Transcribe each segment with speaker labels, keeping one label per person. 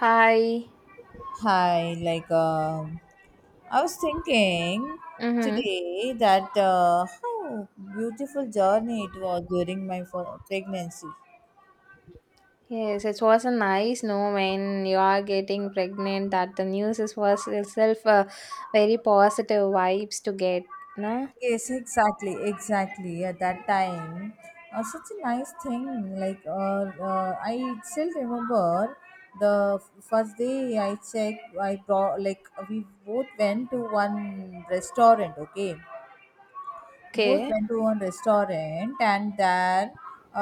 Speaker 1: Hi.
Speaker 2: Hi, I was thinking
Speaker 1: Mm-hmm.
Speaker 2: today that how beautiful journey it was during my pregnancy.
Speaker 1: Yes, it was a nice know when you are getting pregnant that the news is was itself very positive vibes to get, no?
Speaker 2: Yes, exactly, exactly. At that time, such a nice thing. Like I still remember the first day I checked. I brought like we both went to one restaurant. Okay, both
Speaker 1: Okay.
Speaker 2: went to one restaurant and there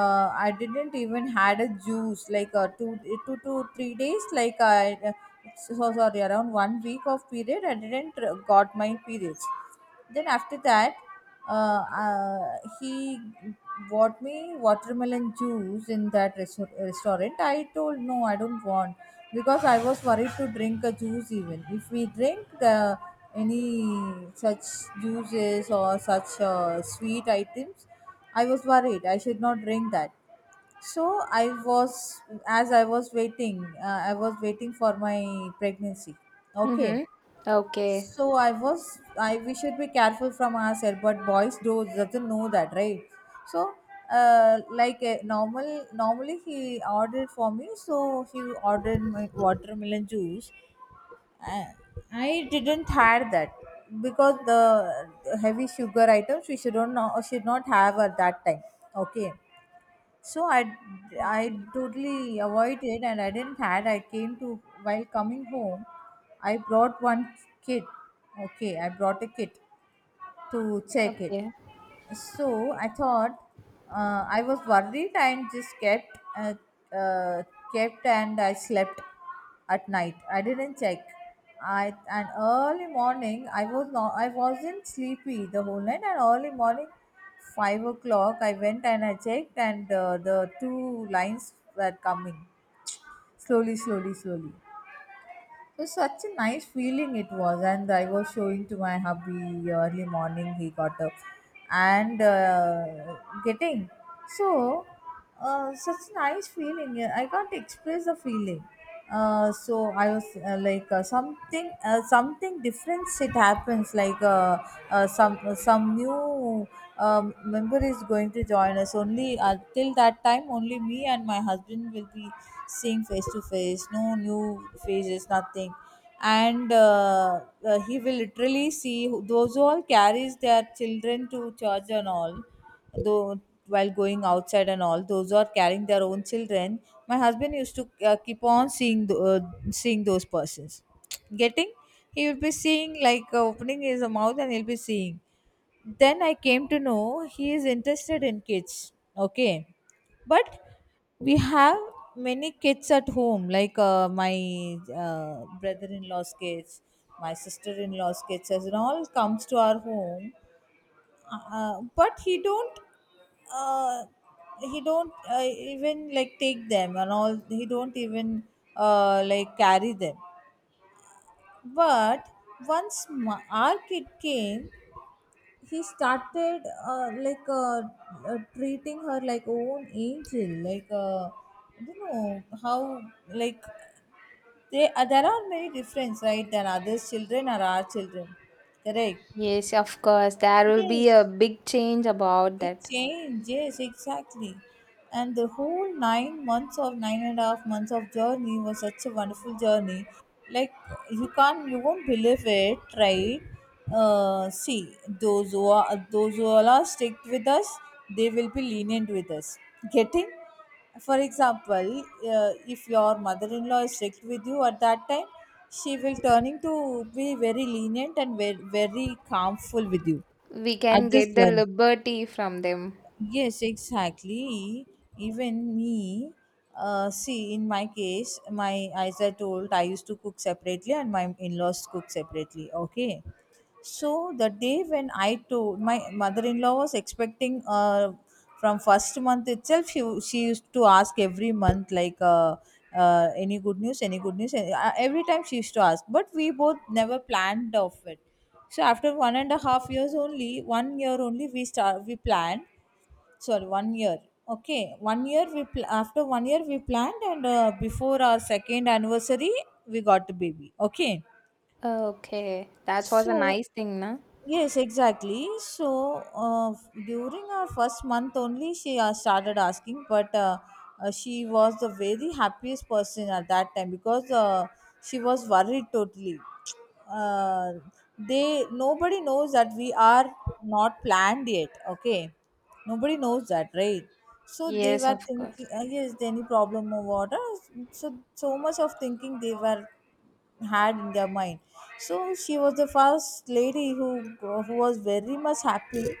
Speaker 2: I didn't even had a juice like two to three days like I so sorry around 1 week of period I didn't got my periods then after that he bought me watermelon juice in that restaurant I told no I don't want because I was worried to drink a juice even. If we drink any such juices or such sweet items, I was worried I should not drink that. So I was, as I was waiting for my pregnancy. Okay.
Speaker 1: Mm-hmm. Okay.
Speaker 2: So I was, I we should be careful from ourselves, but boys do doesn't know that, right? So, normally he ordered for me, so he ordered my watermelon juice. I, I didn't had that because the heavy sugar items we should not have at that time. Okay, so i
Speaker 1: Okay.
Speaker 2: totally avoided and I didn't had I came to while coming home I brought one kit. Okay, I brought a kit to check it.
Speaker 1: Okay.
Speaker 2: So I thought I was worried and just uh, kept and I slept at night. I didn't check. I and early morning I wasn't sleepy the whole night and early morning 5 o'clock I went and I checked and the two lines were coming, slowly slowly. It was such a nice feeling it was, and I was showing to my hubby early morning. He got up and getting so such nice feeling. I can't express the feeling. So I was something, something different. It happens like some new member is going to join us. Only till that time only me and my husband will be seeing face to face, no new faces, nothing. And he will literally see those who all carries their children to church and all, though, while going outside, and all those who are carrying their own children, my husband used to keep on seeing those persons. Getting, he will be seeing like opening his mouth, and he'll be seeing. Then I came to know he is interested in kids. Okay, but we have many kids at home, like my brother-in-law's kids, my sister-in-law's kids as and all comes to our home. But uh, he don't even like take them and all, he don't even like carry them. But once my, our kid came, he started treating her like own angel, like I don't know how. Like they, there are many difference, right, than others children or our children. Correct.
Speaker 1: Yes, of course. There will be a
Speaker 2: Yes,
Speaker 1: big change about
Speaker 2: big
Speaker 1: that.
Speaker 2: change, yes, exactly. And the whole 9 months of nine and a half months of journey was such a wonderful journey. Like you can't, you won't believe it, right? See, those who are strict with us, they will be lenient with us. Getting, for example, if your mother-in-law is strict with you at that time, she will turning to be very lenient and very calmful with you
Speaker 1: We
Speaker 2: at
Speaker 1: can
Speaker 2: this
Speaker 1: get the
Speaker 2: journey.
Speaker 1: liberty from them.
Speaker 2: Yes, exactly. Even me, see, in my case, my as I told, I used to cook separately, and my in-laws cook separately. Okay, so the day when I told my mother-in-law was expecting, from first month itself, she used to ask every month, like any good news, any good news. And every time she used to ask, but we both never planned of it. So after one and a half years only, 1 year only, we planned, sorry, 1 year. Okay, 1 year we after 1 year we planned, and before our second anniversary we got the baby. Okay,
Speaker 1: Okay. That was a
Speaker 2: so,
Speaker 1: nice thing, no?
Speaker 2: yes, exactly. So, during our first month only, she started asking, but she was the very happiest person at that time because she was worried totally. Uh, they nobody knows that we are not planned yet. Okay, nobody knows that, right? So they
Speaker 1: Yes,
Speaker 2: were
Speaker 1: of course.
Speaker 2: thinking, yes, there any problem or what? So so much of thinking they were had in their mind. So she was the first lady who was very much happy.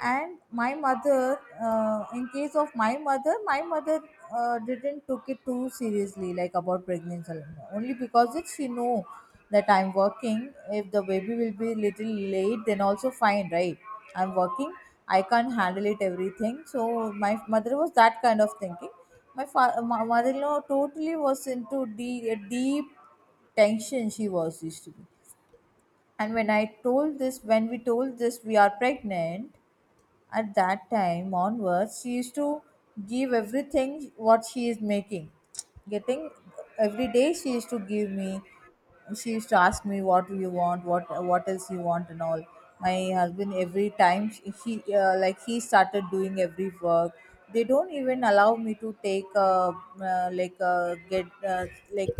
Speaker 2: And my mother, in case of my mother didn't took it too seriously, like about pregnancy and all. Only because it, she know that I'm working. If the baby will be little late, then also fine, right? I'm working. I can't handle it everything. So my mother was that kind of thinking. My, my mother-in-law totally was into the deep tension she was used to be. And when I told this, when we told this, we are pregnant. At that time onwards, she used to give everything what she is making, getting every day. She used to give me. She used to ask me what do you want, what else you want, and all. My husband every time he he started doing every work. They don't even allow me to take get uh, like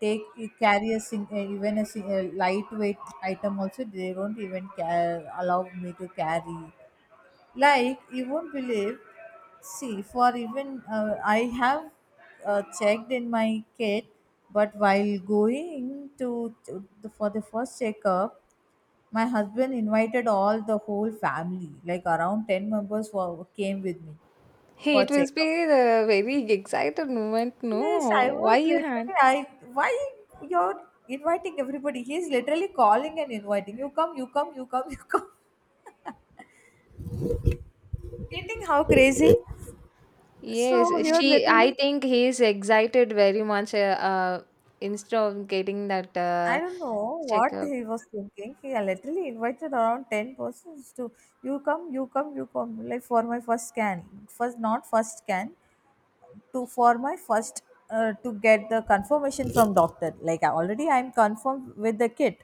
Speaker 2: take carry a sing, even a, sing, a lightweight item also, they don't even care, allow me to carry. Like you won't believe, see, for even I have checked in my kit, but while going to the, for the first checkup, my husband invited all the whole family, like around 10 members who came with me
Speaker 1: Hey,
Speaker 2: for
Speaker 1: it was be
Speaker 2: checkup.
Speaker 1: the very excited moment,
Speaker 2: Yes, I
Speaker 1: no? Why
Speaker 2: was
Speaker 1: you had?
Speaker 2: literally. I why you're inviting everybody? He's literally calling and inviting. You come, you come, you come, you come. Getting how crazy?
Speaker 1: Yes,
Speaker 2: So he was
Speaker 1: she. I
Speaker 2: literally.
Speaker 1: think he is excited very much. Instead of getting that
Speaker 2: I don't know what
Speaker 1: checkup,
Speaker 2: he was thinking. He literally invited around ten persons to you come, you come, you come. Like for my first scan, first not first scan, to for my first to get the confirmation from doctor. Like I already I'm confirmed with the kit,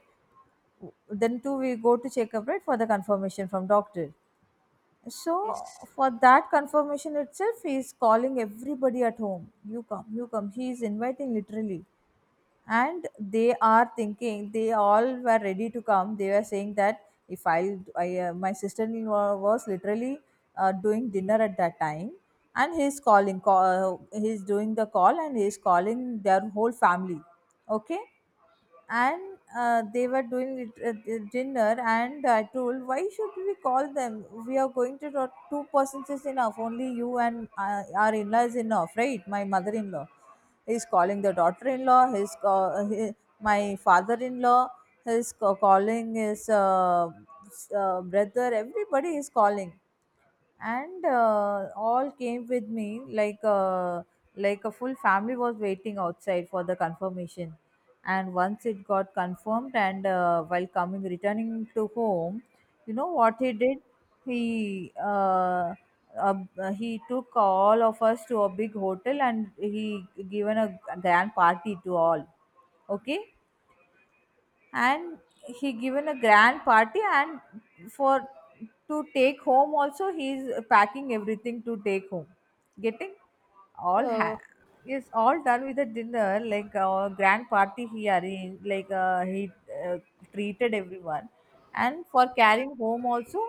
Speaker 2: then too we go to checkup, right, for the confirmation from doctor. So
Speaker 1: yes.
Speaker 2: for that confirmation itself he is calling everybody at home, you come, you come, he is inviting literally. And they are thinking, they all were ready to come, they were saying that if I, my sister-in-law was literally doing dinner at that time, and he's calling call, he's doing the call and he's calling their whole family. Okay, and they were doing it, the dinner, and I told why should we call them, we are going to two persons is enough, only you and our in-law is enough, right? My mother-in-law is calling the daughter-in-law, his my father-in-law is calling his brother, everybody is calling. And all came with me, like a full family was waiting outside for the confirmation. And once it got confirmed and while coming returning to home, you know what he did, he uh, uh, he took all of us to a big hotel and he given a grand party to all. Okay, and he given a grand party, and for to take home also he is packing everything to take home. Getting, all
Speaker 1: Oh,
Speaker 2: is all done with the dinner, like grand party he arranged, like he uh, treated everyone, and for carrying home also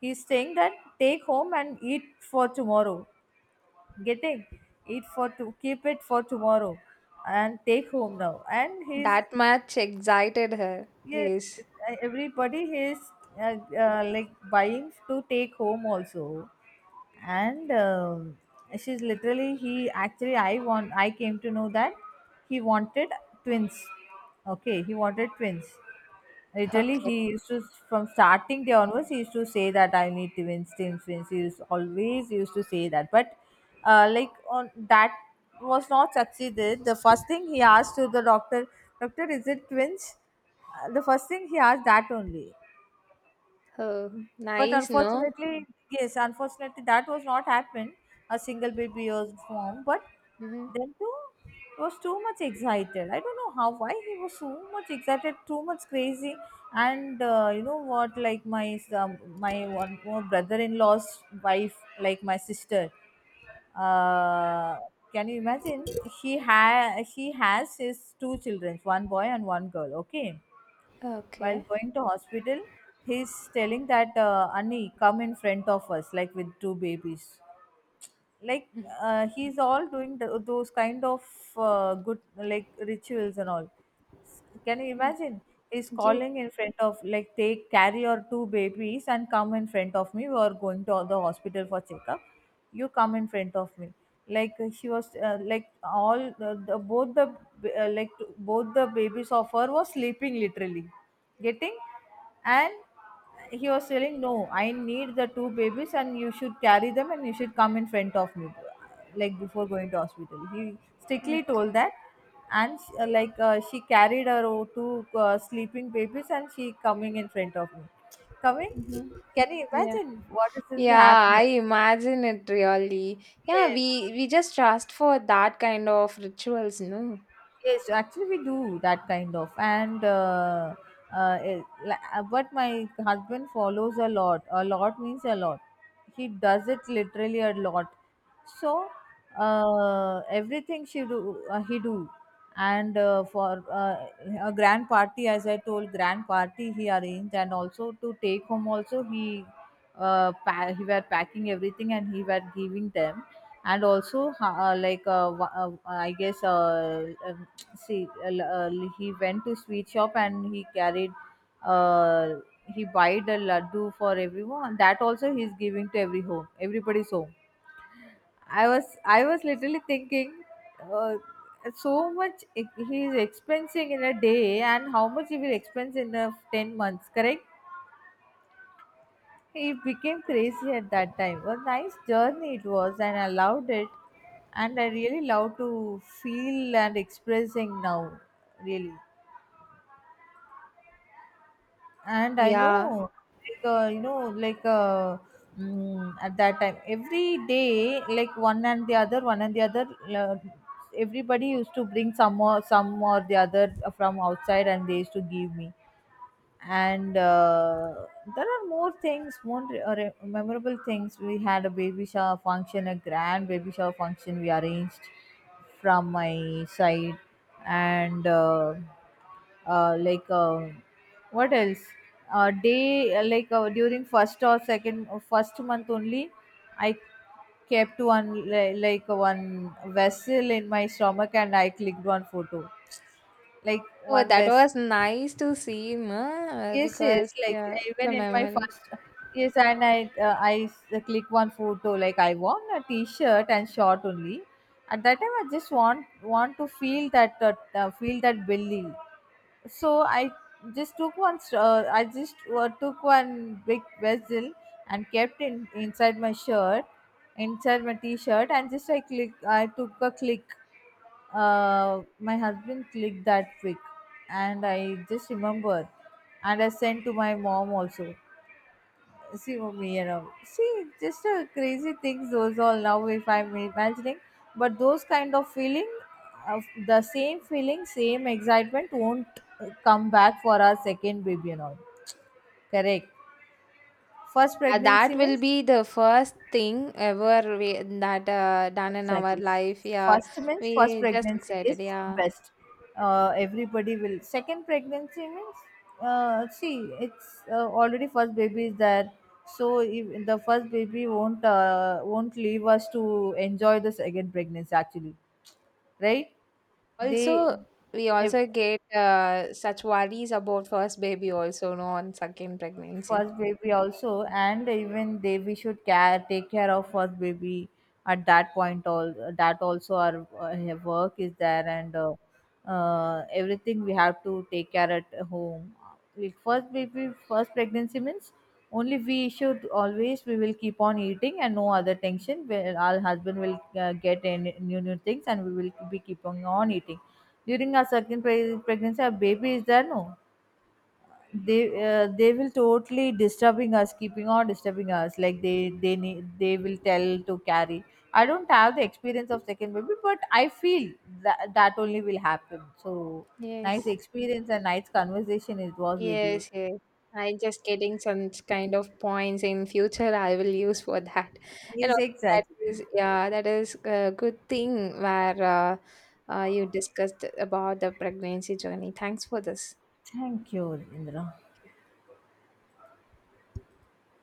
Speaker 2: he's saying that take home and eat for tomorrow. Getting, eat for to keep it for tomorrow, and take home now, and he's.
Speaker 1: that much excited her. He
Speaker 2: Yes,
Speaker 1: is
Speaker 2: everybody is like buying to take home also, and she's literally, he actually, I want, I came to know that he wanted twins. Okay, he wanted twins. Literally,
Speaker 1: okay.
Speaker 2: he used to, from starting day onwards, he used to say that I need to win, team wins. He used, always used to say that, but like on that was not succeeded. The first thing he asked to the doctor, doctor, is it twins? The first thing he asked that only.
Speaker 1: Oh,
Speaker 2: But
Speaker 1: nice, no?
Speaker 2: unfortunately, yes, unfortunately, that was not happened. A single baby was formed, but
Speaker 1: Mm-hmm.
Speaker 2: then too was too much excited. I don't know how why he was so much excited, too much crazy. And you know what? Like my my one more brother-in-law's wife, like my sister. Uh, can you imagine? He has his two children, one boy and one girl. Okay, while
Speaker 1: Okay.
Speaker 2: going to hospital he's telling that annie come in front of us like with two babies like, he's all doing those kind of good like rituals and all. S- can you imagine? He's
Speaker 1: Yeah.
Speaker 2: calling in front of like take carry your two babies and come in front of me. We are going to the hospital for checkup. You come in front of me. Like she was, like all the both the, uh, like both the babies of her was sleeping literally, getting. And he was telling no, I need the two babies and you should carry them and you should come in front of me. Like before going to hospital he strictly told that. And she carried her two sleeping babies and she coming in front of me, coming.
Speaker 1: Mm-hmm.
Speaker 2: Can you
Speaker 1: Yeah.
Speaker 2: imagine what is this
Speaker 1: Yeah, I
Speaker 2: happening?
Speaker 1: imagine it really. Yeah,
Speaker 2: Yes.
Speaker 1: we just trust for that kind of rituals, no?
Speaker 2: Yes, so actually we do that kind of, and but my husband follows a lot. A lot means a lot. He does it literally a lot. So everything she do, he do, and for a grand party, as I told, grand party he arranged, and also to take home also he he were packing everything and he were giving them. And also I guess, see, uh, he went to sweet shop and he carried, uh he buyed a laddu for everyone. That also he's giving to every home, everybody's home. I was literally thinking, uh, so much he is expensing in a day, and how much he will expense in a 10 months, correct? He became crazy at that time. A nice journey it was and I loved it. And I really love to feel and expressing now, really. And I
Speaker 1: Yeah.
Speaker 2: know, at that time every day like one and the other, one and the other. uh, Everybody used to bring some or the other from outside and they used to give me. And there are more things, more memorable things. We had a baby shower function, a grand baby shower function we arranged from my side. And uh, like uh, what else? Day like during first or second, first month only, I kept one like one vessel in my stomach and I clicked one photo, like
Speaker 1: Oh,
Speaker 2: one
Speaker 1: that
Speaker 2: vessel.
Speaker 1: was nice to see him,
Speaker 2: Yes, yes.
Speaker 1: because
Speaker 2: Like
Speaker 1: yeah, it's
Speaker 2: even
Speaker 1: a
Speaker 2: in my
Speaker 1: memory.
Speaker 2: first, yes, and I click one photo. Like I want a T-shirt and short only. At that time, I just want to feel that belly. So I just took one. I just took one big vessel and kept in inside my shirt, inside my T-shirt, and just I click. I took a click. My husband clicked that quick, and I just remembered, and I sent to my mom also. See mommy, you know, see just crazy things those all, now if I'm imagining. But those kind of feeling, of the same feeling, same excitement won't come back for our second baby and all, correct? First
Speaker 1: That
Speaker 2: pregnancy
Speaker 1: will
Speaker 2: means.
Speaker 1: be the first thing ever we, that done in our
Speaker 2: Exactly.
Speaker 1: life. Yeah,
Speaker 2: First means first
Speaker 1: we just
Speaker 2: pregnancy is
Speaker 1: excited. Yeah.
Speaker 2: best. Everybody will. Second pregnancy means, see, it's already first baby is there, so if the first baby won't leave us to enjoy the second pregnancy. Actually, right? They,
Speaker 1: Also, we
Speaker 2: if
Speaker 1: also get such worries about first baby also, no, on second pregnancy.
Speaker 2: first baby also, and even they we should care take care of first baby at that point. All that also our work is there, and everything we have to take care at home. Like first baby, first pregnancy means only, we should always, we will keep on eating and no other tension. Well, our husband will get any new new things and we will be keeping on eating. During our second pregnancy our baby is there, no, they they will totally disturbing us, keeping on disturbing us. Like they need, they will tell to carry. I don't have the experience of second baby, but I feel that that only will happen. So
Speaker 1: Yes.
Speaker 2: nice experience and nice conversation it was with you.
Speaker 1: Yes, yes. I'm just getting some kind of points in future I will use for that. And
Speaker 2: Yes,
Speaker 1: also that
Speaker 2: exactly.
Speaker 1: is yeah, that is a good thing where you discussed about the pregnancy journey. Thanks for this.
Speaker 2: Thank you, Indra.